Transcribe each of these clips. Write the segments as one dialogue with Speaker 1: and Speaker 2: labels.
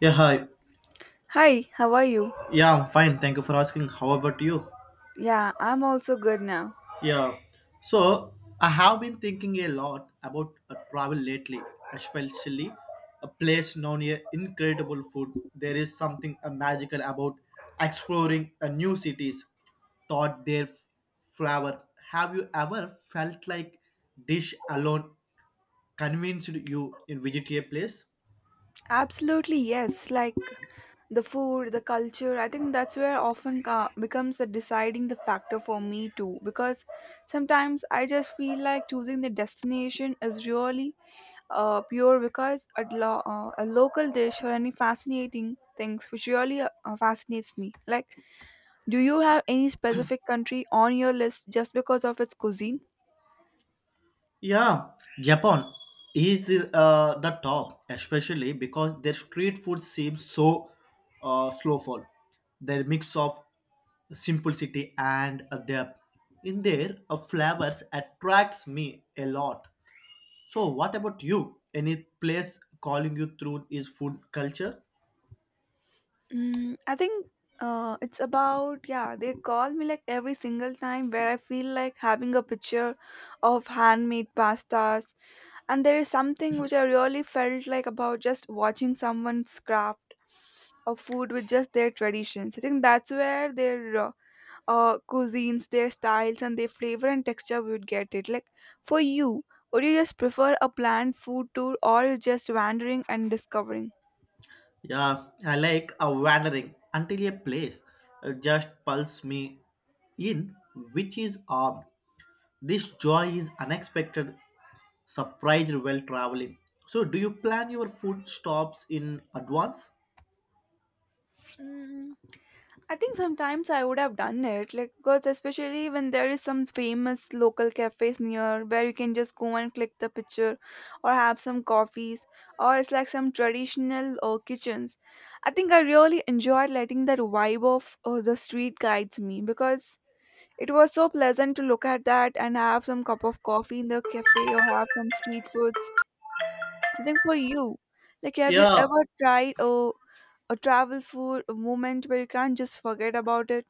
Speaker 1: Yeah, hi.
Speaker 2: Hi, how are you?
Speaker 1: Yeah, I'm fine. Thank you for asking. How about you?
Speaker 2: Yeah, I'm also good now.
Speaker 1: Yeah. So, I have been thinking a lot about travel lately, especially a place known here incredible food. There is something magical about exploring new cities, thought there forever. Have you ever felt like dish alone convinced you in visit a place?
Speaker 2: Absolutely, yes. Like the food, the culture, I think that's where becomes the deciding the factor for me too because sometimes I just feel like choosing the destination is really pure because a local dish or any fascinating things which really fascinates me. Like do you have any specific country on your list just because of its cuisine?
Speaker 1: Yeah, Japan is the top, especially because their street food seems so slowful. Their mix of simplicity and a depth in their flavors attracts me a lot. So, what about you? Any place calling you through is food culture?
Speaker 2: I think it's about yeah. They call me like every single time where I feel like having a picture of handmade pastas, and there is something which I really felt like about just watching someone's craft of food with just their traditions. I think that's where their cuisines, their styles, and their flavor and texture would get it. Like for you, would you just prefer a planned food tour or you just wandering and discovering?
Speaker 1: Yeah, I like a wandering until a place just pulls me in, which is arm. This joy is unexpected surprised while traveling. So, do you plan your food stops in advance?
Speaker 2: Mm, I think sometimes I would have done it, like because especially when there is some famous local cafes near where you can just go and click the picture, or have some coffees, or it's like some traditional kitchens. I think I really enjoyed letting that vibe of the street guides me because it was so pleasant to look at that and have some cup of coffee in the cafe or have some street foods. I think for you, like have you
Speaker 1: Yeah,
Speaker 2: ever tried a travel food a moment where you can't just forget about it?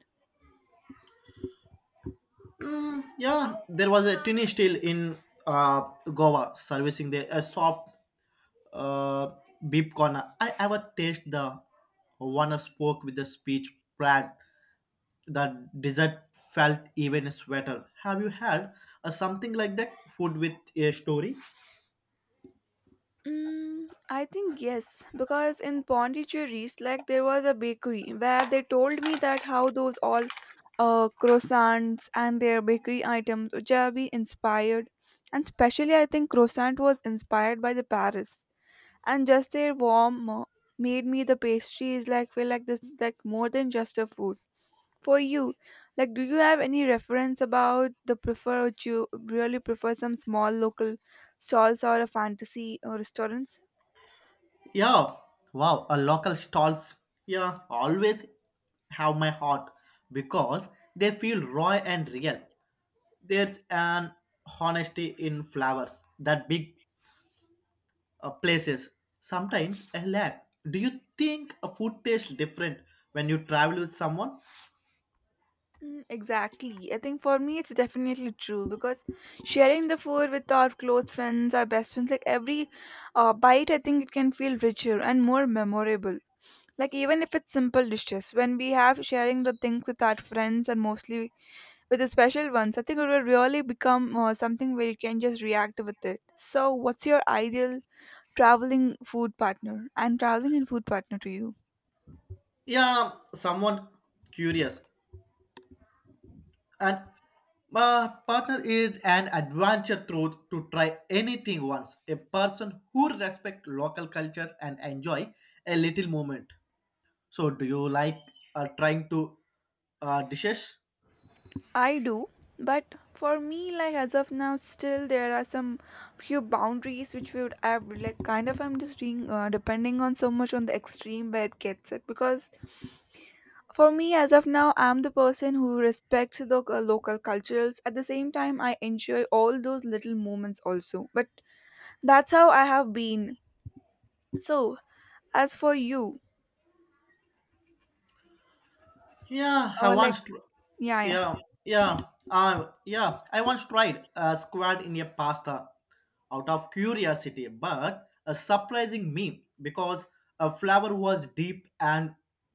Speaker 1: yeah. There was a tiny still in Goa servicing the a soft uh, beef corner. I ever taste the one spoke with the speech brand. The dessert felt even sweeter. Have you had something like that? Food with a story?
Speaker 2: I think yes, because in Pondicherry, like there was a bakery where they told me that how those all croissants and their bakery items which are be inspired, and especially I think croissant was inspired by the Paris, and just their warm made me the pastries like feel like this is like more than just a food. For you, like, do you have any reference about the prefer? Would you really prefer some small local stalls or a fantasy or restaurants?
Speaker 1: Yeah, wow, a local stalls, yeah, always have my heart because they feel raw and real. There's an honesty in flowers that big places sometimes a lack. Do you think a food tastes different when you travel with someone?
Speaker 2: Exactly. I think for me it's definitely true because sharing the food with our close friends, our best friends, like every bite, I think it can feel richer and more memorable. Like even if it's simple dishes, when we have sharing the things with our friends and mostly with the special ones, I think it will really become something where you can just react with it. So, what's your ideal traveling food partner and traveling and food partner to you?
Speaker 1: Yeah, someone curious and my partner is an adventure through to try anything once. A person who respects local cultures and enjoy a little moment. So, do you like trying to dishes?
Speaker 2: I do, but for me, like as of now, still there are some few boundaries which we would have. Like kind of, I'm just doing depending on so much on the extreme where it gets it. Because for me, as of now, I'm the person who respects the local cultures. At the same time, I enjoy all those little moments also. But that's how I have been. So as for you,
Speaker 1: Yeah, I
Speaker 2: like
Speaker 1: once.
Speaker 2: yeah,
Speaker 1: Yeah,
Speaker 2: yeah.
Speaker 1: yeah, yeah. I once tried a squid in a pasta out of curiosity, but a surprising me because a flower was deep and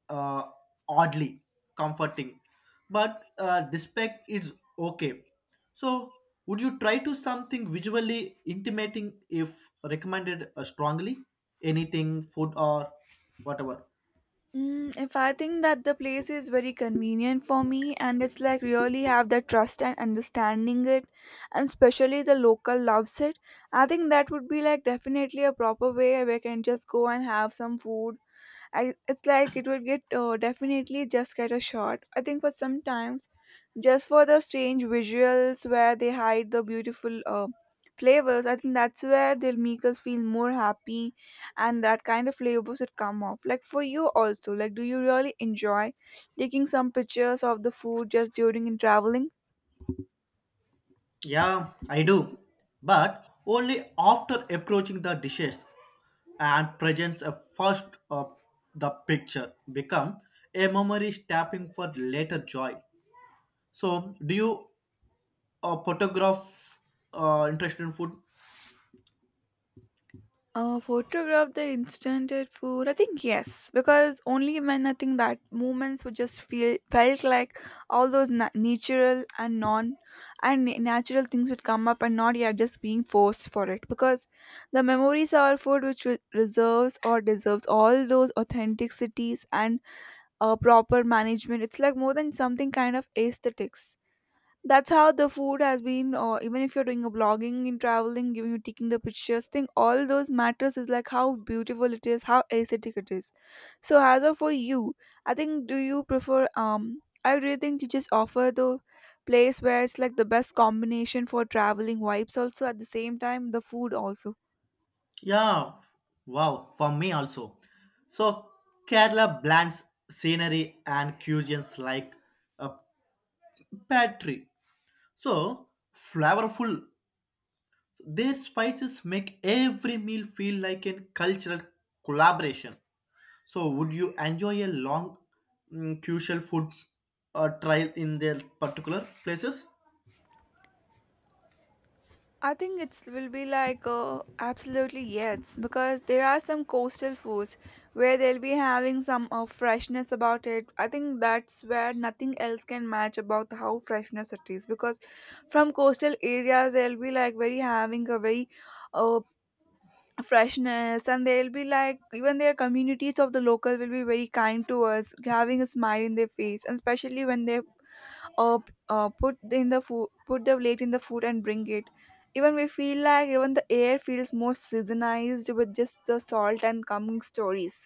Speaker 1: uh, oddly comforting. But despite it's okay. So, would you try to something visually intimating if recommended strongly? Anything, food or whatever.
Speaker 2: If I think that the place is very convenient for me and it's like really have the trust and understanding it and especially the local loves it, I think that would be like definitely a proper way where I can just go and have some food I it's like it would get definitely just get a shot. I think for sometimes, just for the strange visuals where they hide the beautiful flavors, I think that's where they'll make us feel more happy, and that kind of flavor should come off. Like for you also, like do you really enjoy taking some pictures of the food just during in traveling?
Speaker 1: Yeah, I do. But only after approaching the dishes and presents a first of the picture become a memory tapping for later joy. So, do you photograph interest in food?
Speaker 2: Photograph the instanted food. I think yes, because only when I think that moments would just feel felt like all those natural and non and natural things would come up and not yeah just being forced for it because the memories are food which reserves or deserves all those authenticities and proper management. It's like more than something kind of aesthetics, that's how the food has been, or even if you're doing a blogging in traveling giving you taking the pictures thing, all those matters is like how beautiful it is, how aesthetic it is. So as of for you, I think, do you prefer, I really think you just offer the place where it's like the best combination for traveling vibes also at the same time the food also.
Speaker 1: Yeah, wow, for me also. So, Kerala blends scenery and cuisines like a pantry. So, flavorful. Their spices make every meal feel like a cultural collaboration. So, would you enjoy a long crucial food trial in their particular places?
Speaker 2: I think it will be like absolutely yes, because there are some coastal foods where they'll be having some freshness about it. I think that's where nothing else can match about how freshness it is, because from coastal areas they'll be like very having a very uh, freshness, and they'll be like even their communities of the local will be very kind to us, having a smile in their face, and especially when they put in the food, put the plate in the food and bring it, even we feel like even the air feels more seasonized with just the salt and coming stories.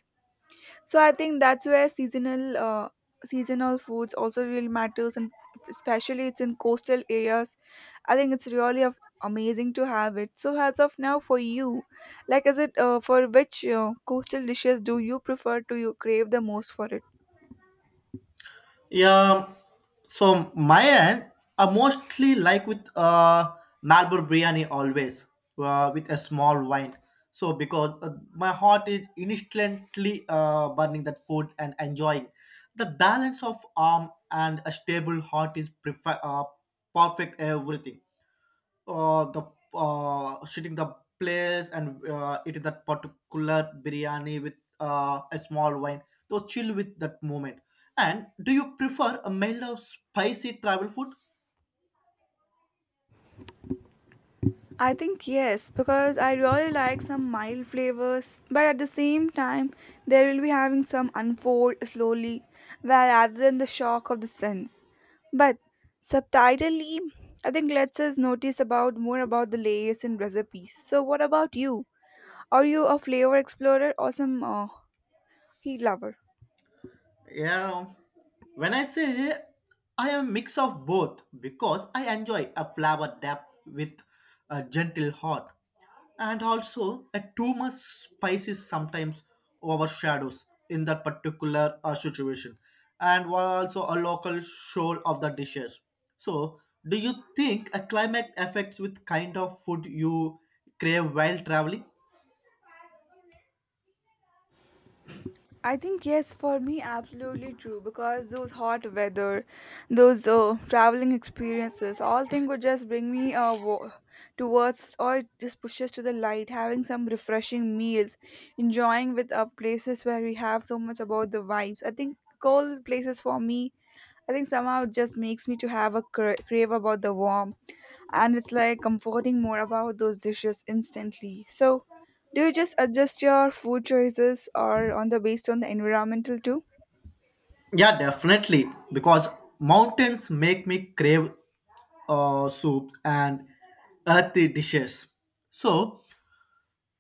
Speaker 2: So I think that's where seasonal seasonal foods also really matters, and especially it's in coastal areas, I think it's really a amazing to have it. So as of now for you, like is it for which coastal dishes do you prefer to you crave the most for it?
Speaker 1: Yeah, so my end are mostly like with Marlboro biryani always with a small wine. So because my heart is instantly burning that food and enjoying the balance of arm and a stable heart is prefer perfect everything the shooting the place and eating that particular biryani with a small wine. So chill with that moment. And do you prefer a mild or spicy travel food?
Speaker 2: I think yes, because I really like some mild flavors, but at the same time, they will be having some unfold slowly, where rather than the shock of the sense. But subtitly, I think lets us notice about more about the layers and recipes. So, what about you? Are you a flavor explorer or some heat lover?
Speaker 1: Yeah. When I say I am a mix of both because I enjoy a flower depth with a gentle heart and also a too much spice is sometimes overshadows in that particular situation and were also a local soul of the dishes. So do you think a climate affects with kind of food you crave while traveling?
Speaker 2: I think yes, for me, absolutely true because those hot weather, those traveling experiences, all thing would just bring me towards or it just pushes to the light. Having some refreshing meals, enjoying with places where we have so much about the vibes. I think cold places for me, I think somehow it just makes me to have a crave about the warm, and it's like comforting more about those dishes instantly. So do you just adjust your food choices or on the based on the environmental too?
Speaker 1: Yeah, definitely. Because mountains make me crave soup and earthy dishes. So,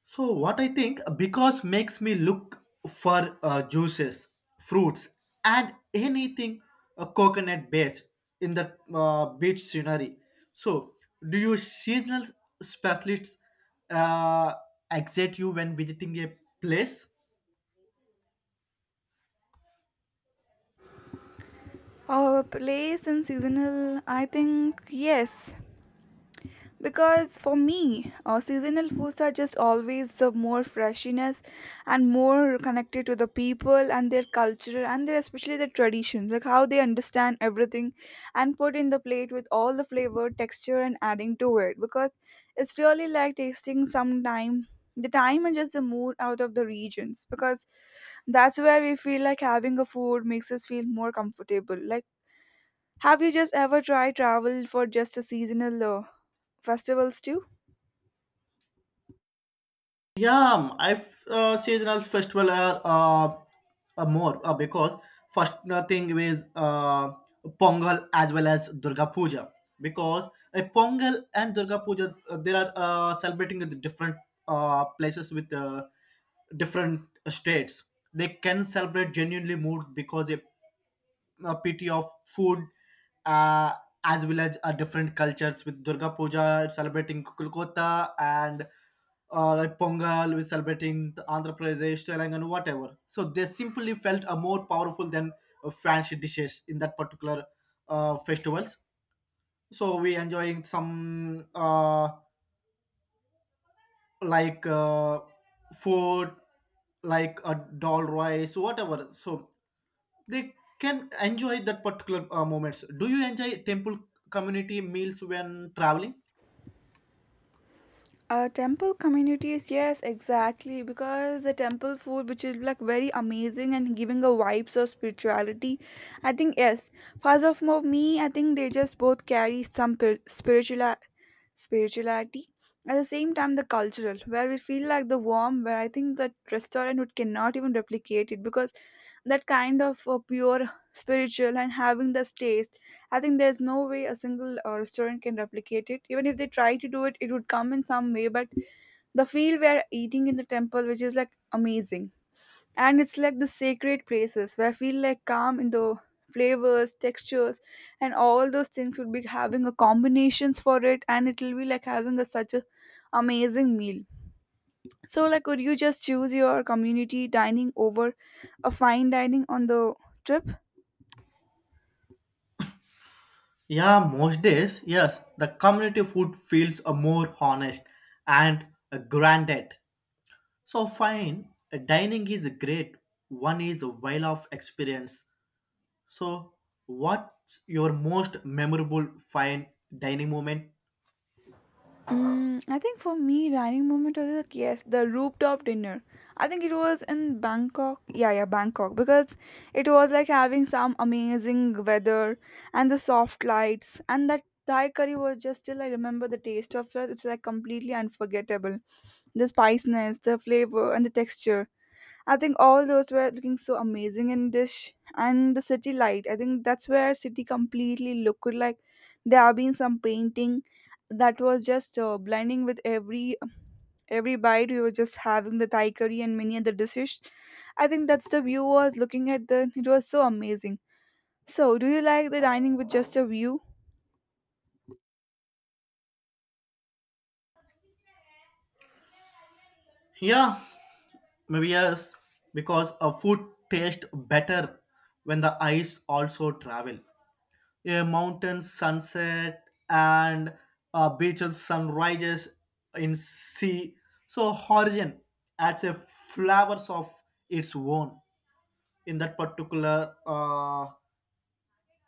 Speaker 1: so what I think because makes me look for juices, fruits, and anything coconut based in the beach scenery. So, do you seasonal specialists uh, excite you when visiting a place?
Speaker 2: Our place and seasonal, I think yes. Because for me seasonal foods are just always more freshness and more connected to the people and their culture and their especially their traditions, like how they understand everything and put in the plate with all the flavor texture and adding to it, because it's really like tasting some time the time and just the mood out of the regions, because that's where we feel like having a food makes us feel more comfortable. Like have you just ever tried travel for just a seasonal festivals too?
Speaker 1: Yeah, I seasonal festival are more because first thing is Pongal as well as Durga Puja because a Pongal and Durga Puja they are celebrating in the different places with different states. They can celebrate genuinely mood because a pity of food uh, as well as different cultures with Durga Puja it's celebrating Kolkata and like Pongal with celebrating the Andhra Pradesh, Telangana, whatever. So they simply felt more powerful than French dishes in that particular festivals. So we enjoying some like uh, food, like a dal rice, whatever. So they can enjoy that particular moments. Do you enjoy temple community meals when traveling?
Speaker 2: Temple communities, yes, exactly. Because the temple food, which is like very amazing and giving a vibes of spirituality, I think yes. First of all, me, I think they just both carry some spiritual spirituality. At the same time, the cultural, where we feel like the warm, where I think the restaurant would cannot even replicate it, because that kind of pure spiritual and having this taste, I think there's no way a single restaurant can replicate it. Even if they try to do it, it would come in some way. But the feel we are eating in the temple, which is like amazing, and it's like the sacred places where I feel like calm in the flavors, textures, and all those things would be having a combinations for it, and it will be like having a such a amazing meal. So, like, would you just choose your community dining over a fine dining on the trip?
Speaker 1: Yeah, most days yes. The community food feels a more honest and a granted. So fine a dining is great, one is a while of experience. So what's your most memorable fine dining moment?
Speaker 2: I think for me, dining moment was like yes, the rooftop dinner. I think it was in Bangkok. Yeah, yeah, Bangkok because it was like having some amazing weather and the soft lights and that Thai curry was just still I remember the taste of it. It's like completely unforgettable. The spiciness, the flavor, and the texture. I think all those were looking so amazing in dish and the city light. I think that's where city completely looked like there have been some painting that was just blending with every bite. We were just having the Thai curry and many other dishes. I think that's the view was looking at the. It was so amazing. So, do you like the dining with just a view?
Speaker 1: Yeah, maybe yes, because a food tastes better when the eyes also travel. A mountain sunset and a beaches sunrises in sea, so horizon adds a flowers of its own in that particular uh,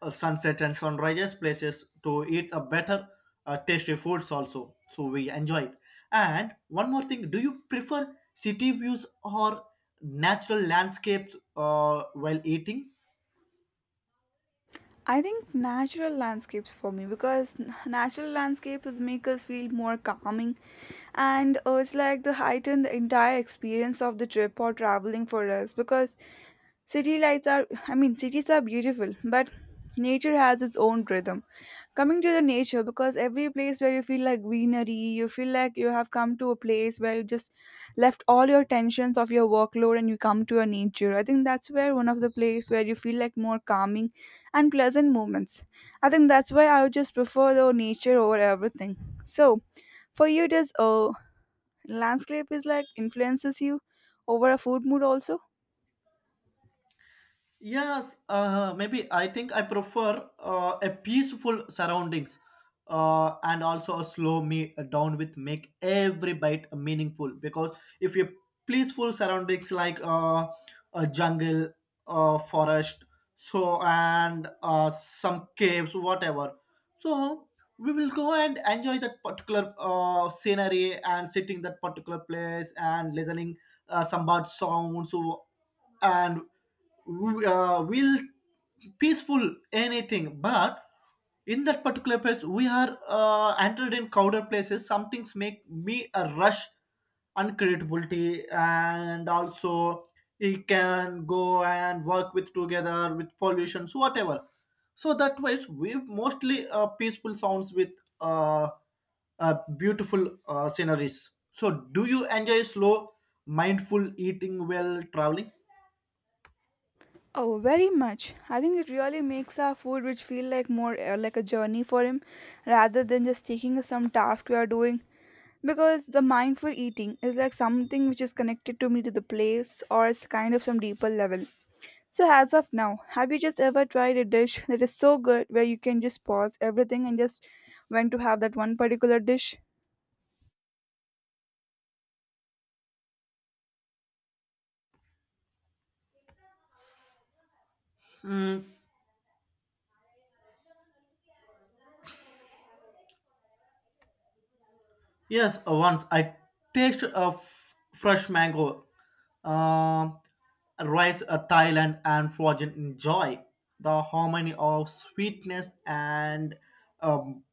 Speaker 1: uh, sunset and sunrises places to eat a better tasty foods also, so we enjoy it. And one more thing, do you prefer city views or natural landscapes while eating?
Speaker 2: I think natural landscapes for me because natural landscapes make us feel more calming, and it's like the heighten the entire experience of the trip or traveling for us, because city lights are, I mean, cities are beautiful, but nature has its own rhythm. Coming to the nature, because every place where you feel like greenery, you feel like you have come to a place where you just left all your tensions of your workload and you come to your nature. I think that's where one of the place where you feel like more calming and pleasant moments. I think that's why I would just prefer the nature over everything. So, for you, does landscape is like influences you over a food mood also?
Speaker 1: Yes, maybe I think I prefer a peaceful surroundings and also a slow me down with make every bite meaningful because if you peaceful surroundings like a jungle, forest, so and some caves, whatever. So we will go and enjoy that particular scenery and sitting that particular place and listening some bird sounds, so, and we, we'll peaceful anything, but in that particular place we are entered in crowded places, some things make me a rush uncreatability, and also it can go and work with together with pollutions whatever. So that was we mostly peaceful sounds with uh, beautiful sceneries. So do you enjoy slow mindful eating while traveling?
Speaker 2: Oh, very much. I think it really makes our food which feel like more like a journey for him rather than just taking some task we are doing because the mindful eating is like something which is connected to me to the place or it's kind of some deeper level. So as of now, have you just ever tried a dish that is so good where you can just pause everything and just went to have that one particular dish?
Speaker 1: Mm, yes, once I tasted a fresh mango um, rice Thailand and frozen enjoy the harmony of sweetness and um.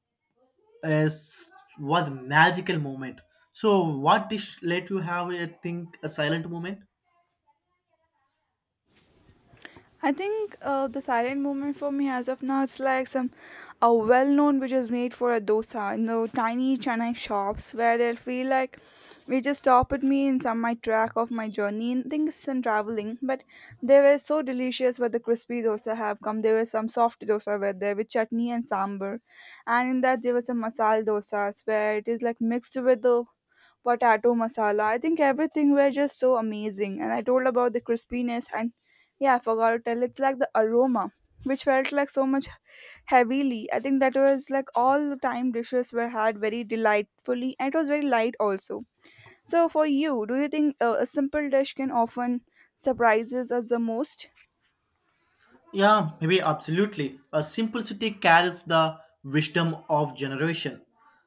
Speaker 1: Is was magical moment. So what dish let you have a think a silent moment?
Speaker 2: I think the silent movement for me as of now it's like some a well known which is made for a dosa in the tiny Chennai shops where they'll feel like we just stop at me in some my track of my journey and things some traveling, but they were so delicious where the crispy dosa have come, there were some soft dosa were there with chutney and sambar, and in that there was some masala dosas where it is like mixed with the potato masala. I think everything were just so amazing. And I told about the crispiness, and yeah, I forgot to tell. It's like the aroma, which felt like so much heavily. I think that was like all the time dishes were had very delightfully, and it was very light also. So for you, do you think a simple dish can often surprises us the most?
Speaker 1: Yeah, maybe absolutely. A simplicity carries the wisdom of generation.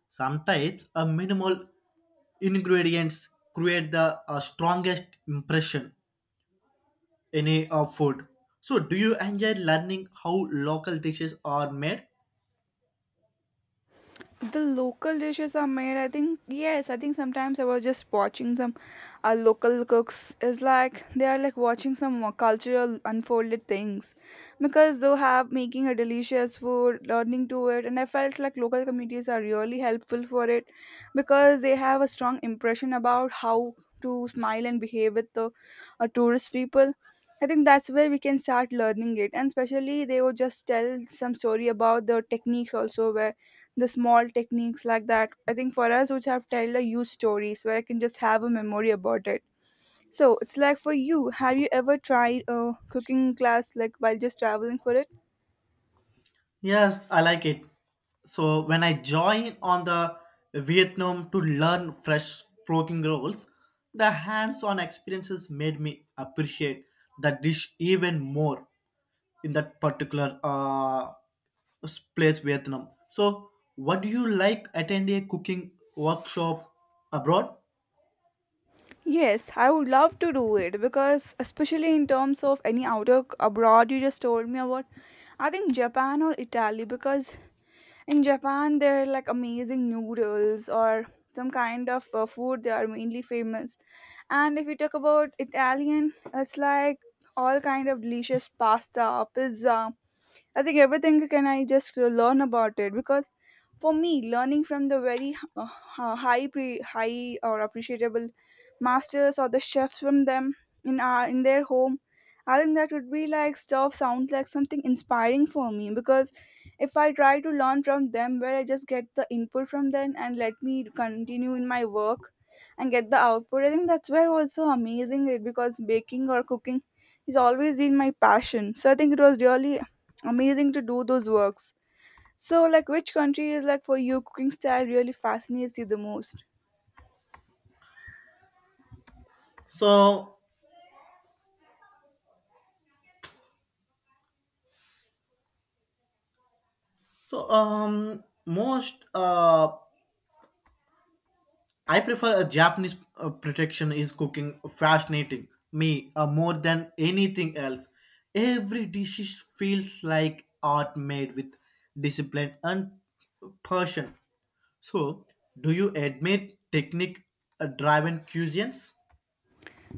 Speaker 1: Sometimes a minimal ingredients create the strongest impression in a food. So do you enjoy learning how local dishes are made?
Speaker 2: The local dishes are made, I think yes, I think sometimes I was just watching some local cooks is like they are like watching some more cultural unfolded things because they have making a delicious food learning to it, and I felt like local communities are really helpful for it because they have a strong impression about how to smile and behave with the tourist people. I think that's where we can start learning it, and especially they would just tell some story about the techniques also, where the small techniques like that, I think for us which have tell a huge stories where I can just have a memory about it. So it's like, for you, have you ever tried a cooking class like while just traveling for it?
Speaker 1: Yes, I like it. So when I join on the Vietnam to learn fresh cooking roles, the hands-on experiences made me appreciate the dish even more in that particular place, Vietnam. So what do you like attend a cooking workshop abroad?
Speaker 2: Yes, I would love to do it because especially in terms of any outer abroad you just told me about, I think Japan or Italy, because in Japan there are like amazing noodles or some kind of food they are mainly famous, and if we talk about Italian, it's like all kind of delicious pasta pizza. I think everything can I just learn about it because for me, learning from the very high or appreciable masters or the chefs from them in our in their home, I think that would be like stuff sounds like something inspiring for me because if I try to learn from them, where I just get the input from them and let me continue in my work and get the output, I think that's where was so amazing it because baking or cooking has always been my passion. So I think it was really amazing to do those works. So, like, which country is like for you cooking style really fascinates you the most?
Speaker 1: So so most I prefer a Japanese protection is cooking fascinating me more than anything else. Every dish feels like art made with discipline and passion. So, do you admit technique driven cuisines?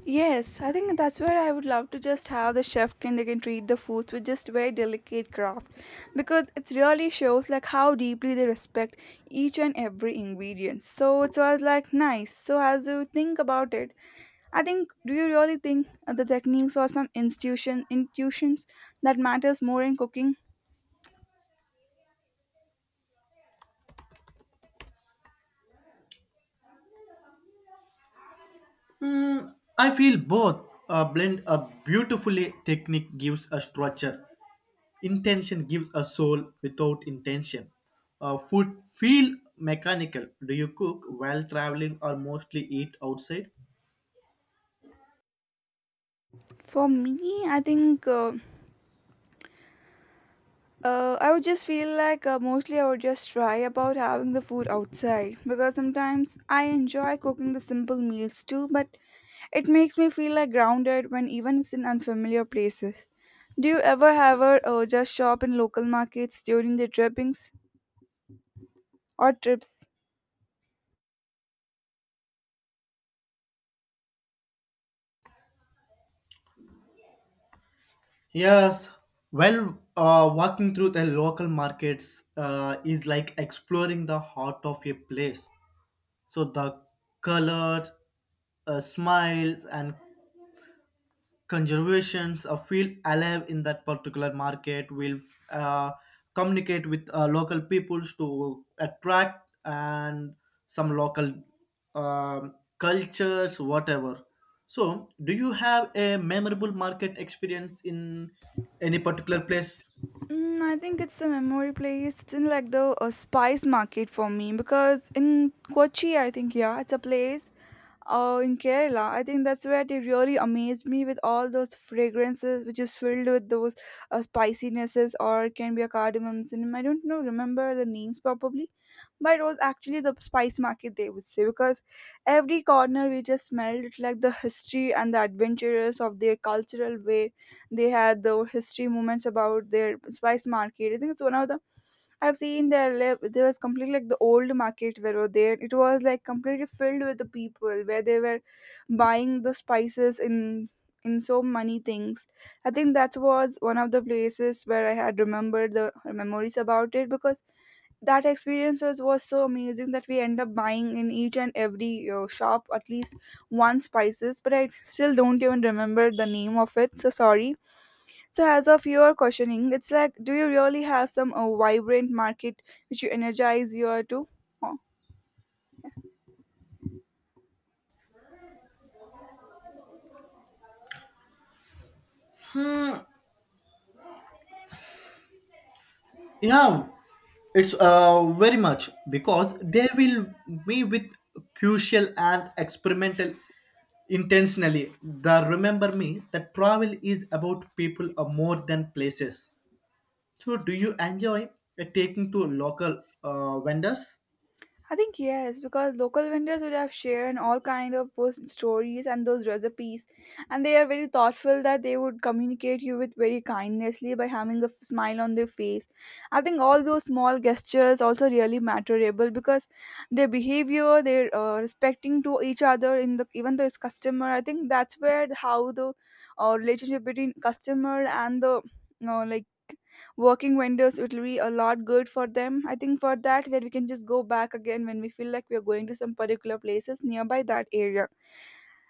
Speaker 2: Yes, I think that's where I would love to just have the chef can they can treat the foods with just very delicate craft because it really shows like how deeply they respect each and every ingredient. So it was like nice. So as you think about it, I think, do you really think the techniques or some institution intuitions that matters more in cooking?
Speaker 1: Mm, I feel both blend a beautifully. Technique gives a structure, intention gives a soul without intention. Food feel mechanical. Do you cook while traveling or mostly eat outside?
Speaker 2: For me, I think. I would just feel like mostly I would just try about having the food outside because sometimes I enjoy cooking the simple meals too, but it makes me feel like grounded when even it's in unfamiliar places. Do you ever have a just shop in local markets during the trippings or trips?
Speaker 1: Yes, well, walking through the local markets is like exploring the heart of a place. So the colors, smiles, and conservations feel alive in that particular market will uh, communicate with local peoples to attract and some local cultures whatever. So do you have a memorable market experience in any particular place?
Speaker 2: Mm, I think it's the memory place. It's in like the spice market for me because in Kochi, I think, yeah, it's a place in Kerala. I think that's where they really amazed me with all those fragrances which is filled with those spicinesses, or it can be a cardamom, cinnamon. I don't know, remember the names probably, but it was actually the spice market they would say because every corner we just smelled it like the history and the adventurous of their cultural way. They had the history moments about their spice market. I think it's one of the, I've seen there live. There was completely like the old market where were there. It was like completely filled with the people where they were buying the spices in so many things. I think that was one of the places where I had remembered the memories about it because that experience was so amazing that we end up buying in each and every shop at least one spices, but I still don't even remember the name of it, so sorry. So, as of your questioning, it's like, do you really have some vibrant market which you energize your to? Huh?
Speaker 1: Yeah, it's very much because they will be with crucial and experimental intentionally. The remember me that travel is about people are more than places. So, do you enjoy taking to local vendors?
Speaker 2: I think yes, because local vendors would have shared all kind of those stories and those recipes, and they are very thoughtful that they would communicate you with very kindnessly by having a smile on their face. I think all those small gestures also really matterable because their behavior, their respecting to each other in the even though it's customer. I think that's where how the relationship between customer and the like working vendors, it will be a lot good for them. I think for that where we can just go back again when we feel like we are going to some particular places nearby that area.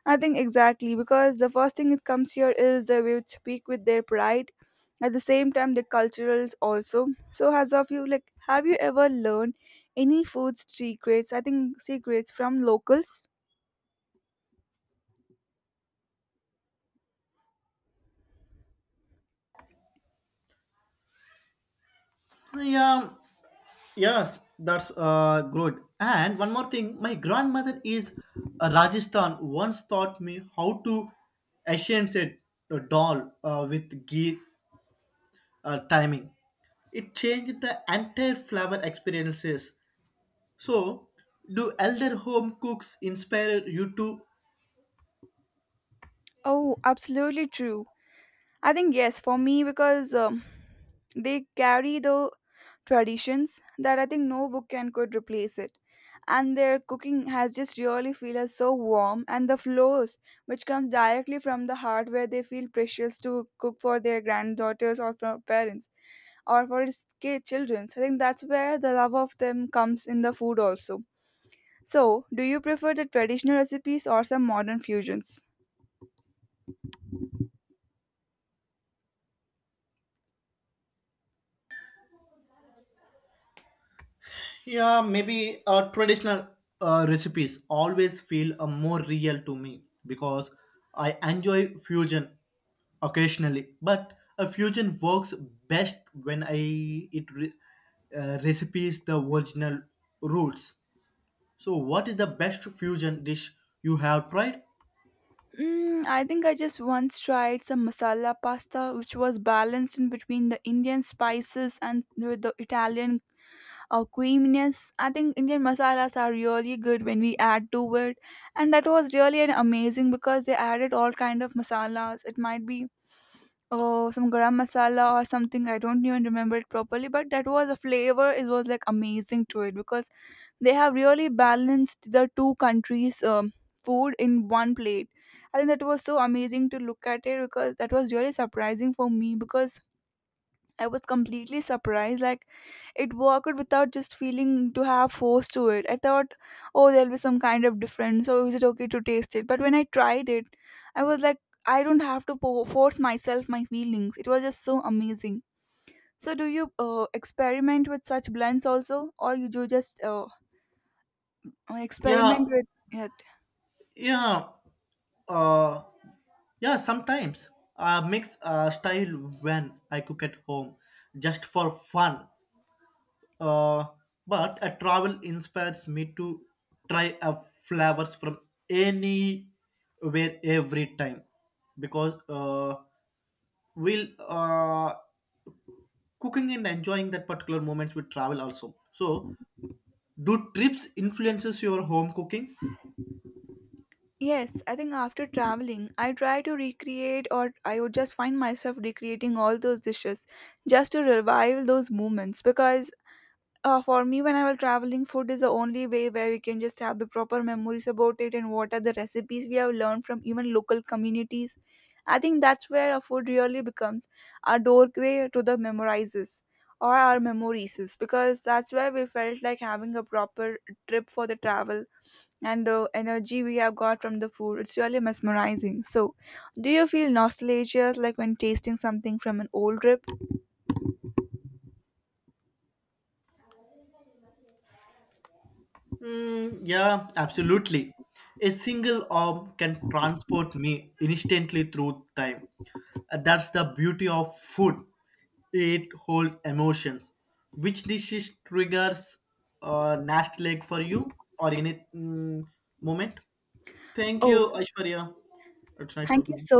Speaker 2: I think exactly because the first thing that comes here is they will speak with their pride at the same time the culturals also. So as of you, like, have you ever learned any food secrets, I think secrets from locals?
Speaker 1: Yeah, yes, that's good. And one more thing, my grandmother is a Rajasthan. Once taught me how to essence a doll with ghee timing. It changed the entire flavor experiences. So, do elder home cooks inspire you to?
Speaker 2: Oh, absolutely true. I think yes, for me because they carry the traditions that I think no book can could replace it, and their cooking has just really feel us so warm, and the flows which comes directly from the heart where they feel precious to cook for their granddaughters or for parents or for his children. So I think that's where the love of them comes in the food also. So, do you prefer the traditional recipes or some modern fusions?
Speaker 1: Yeah, maybe traditional recipes always feel more real to me, because I enjoy fusion occasionally, but a fusion works best when I it recipes the original roots. So, what is the best fusion dish you have tried?
Speaker 2: Mm, I think I just once tried some masala pasta, which was balanced in between the Indian spices and the Italian creaminess. I think Indian masalas are really good when we add to it, and that was really an amazing because they added all kind of masalas. It might be oh some garam masala or something. I don't even remember it properly, but that was a flavor. It was like amazing to it because they have really balanced the two countries food in one plate. I think that was so amazing to look at it because that was really surprising for me because I was completely surprised like it worked without just feeling to have force to it. I thought, oh, there'll be some kind of difference, so is it okay to taste it? But when I tried it, I was like, I don't have to force myself my feelings. It was just so amazing. So do you experiment with such blends also, or you do just or
Speaker 1: Yeah,
Speaker 2: experiment with it.
Speaker 1: yeah. uh yeah. Sometimes I mix style when I cook at home just for fun, uh but a travel inspires me to try a flavors from anywhere every time, because we'll cooking and enjoying that particular moments with travel also. So do trips influences your home cooking?
Speaker 2: Yes, I think after traveling, I try to recreate, or I would just find myself recreating all those dishes just to revive those moments. Because for me, when I was traveling, food is the only way where we can just have the proper memories about it and what are the recipes we have learned from even local communities. I think that's where our food really becomes our doorway to the memorizes or our memories because that's where we felt like having a proper trip for the travel, and the energy we have got from the food, it's really mesmerizing. So do you feel nostalgia like when tasting something from an old trip?
Speaker 1: Mm, yeah, absolutely. A single arm can transport me instantly through time. That's the beauty of food. It holds emotions. Which dishes triggers nasty leg for you or any moment? Thank
Speaker 2: Oh,
Speaker 1: you, Aishwarya. It's nice
Speaker 2: thank
Speaker 1: talking
Speaker 2: you
Speaker 1: to you.
Speaker 2: so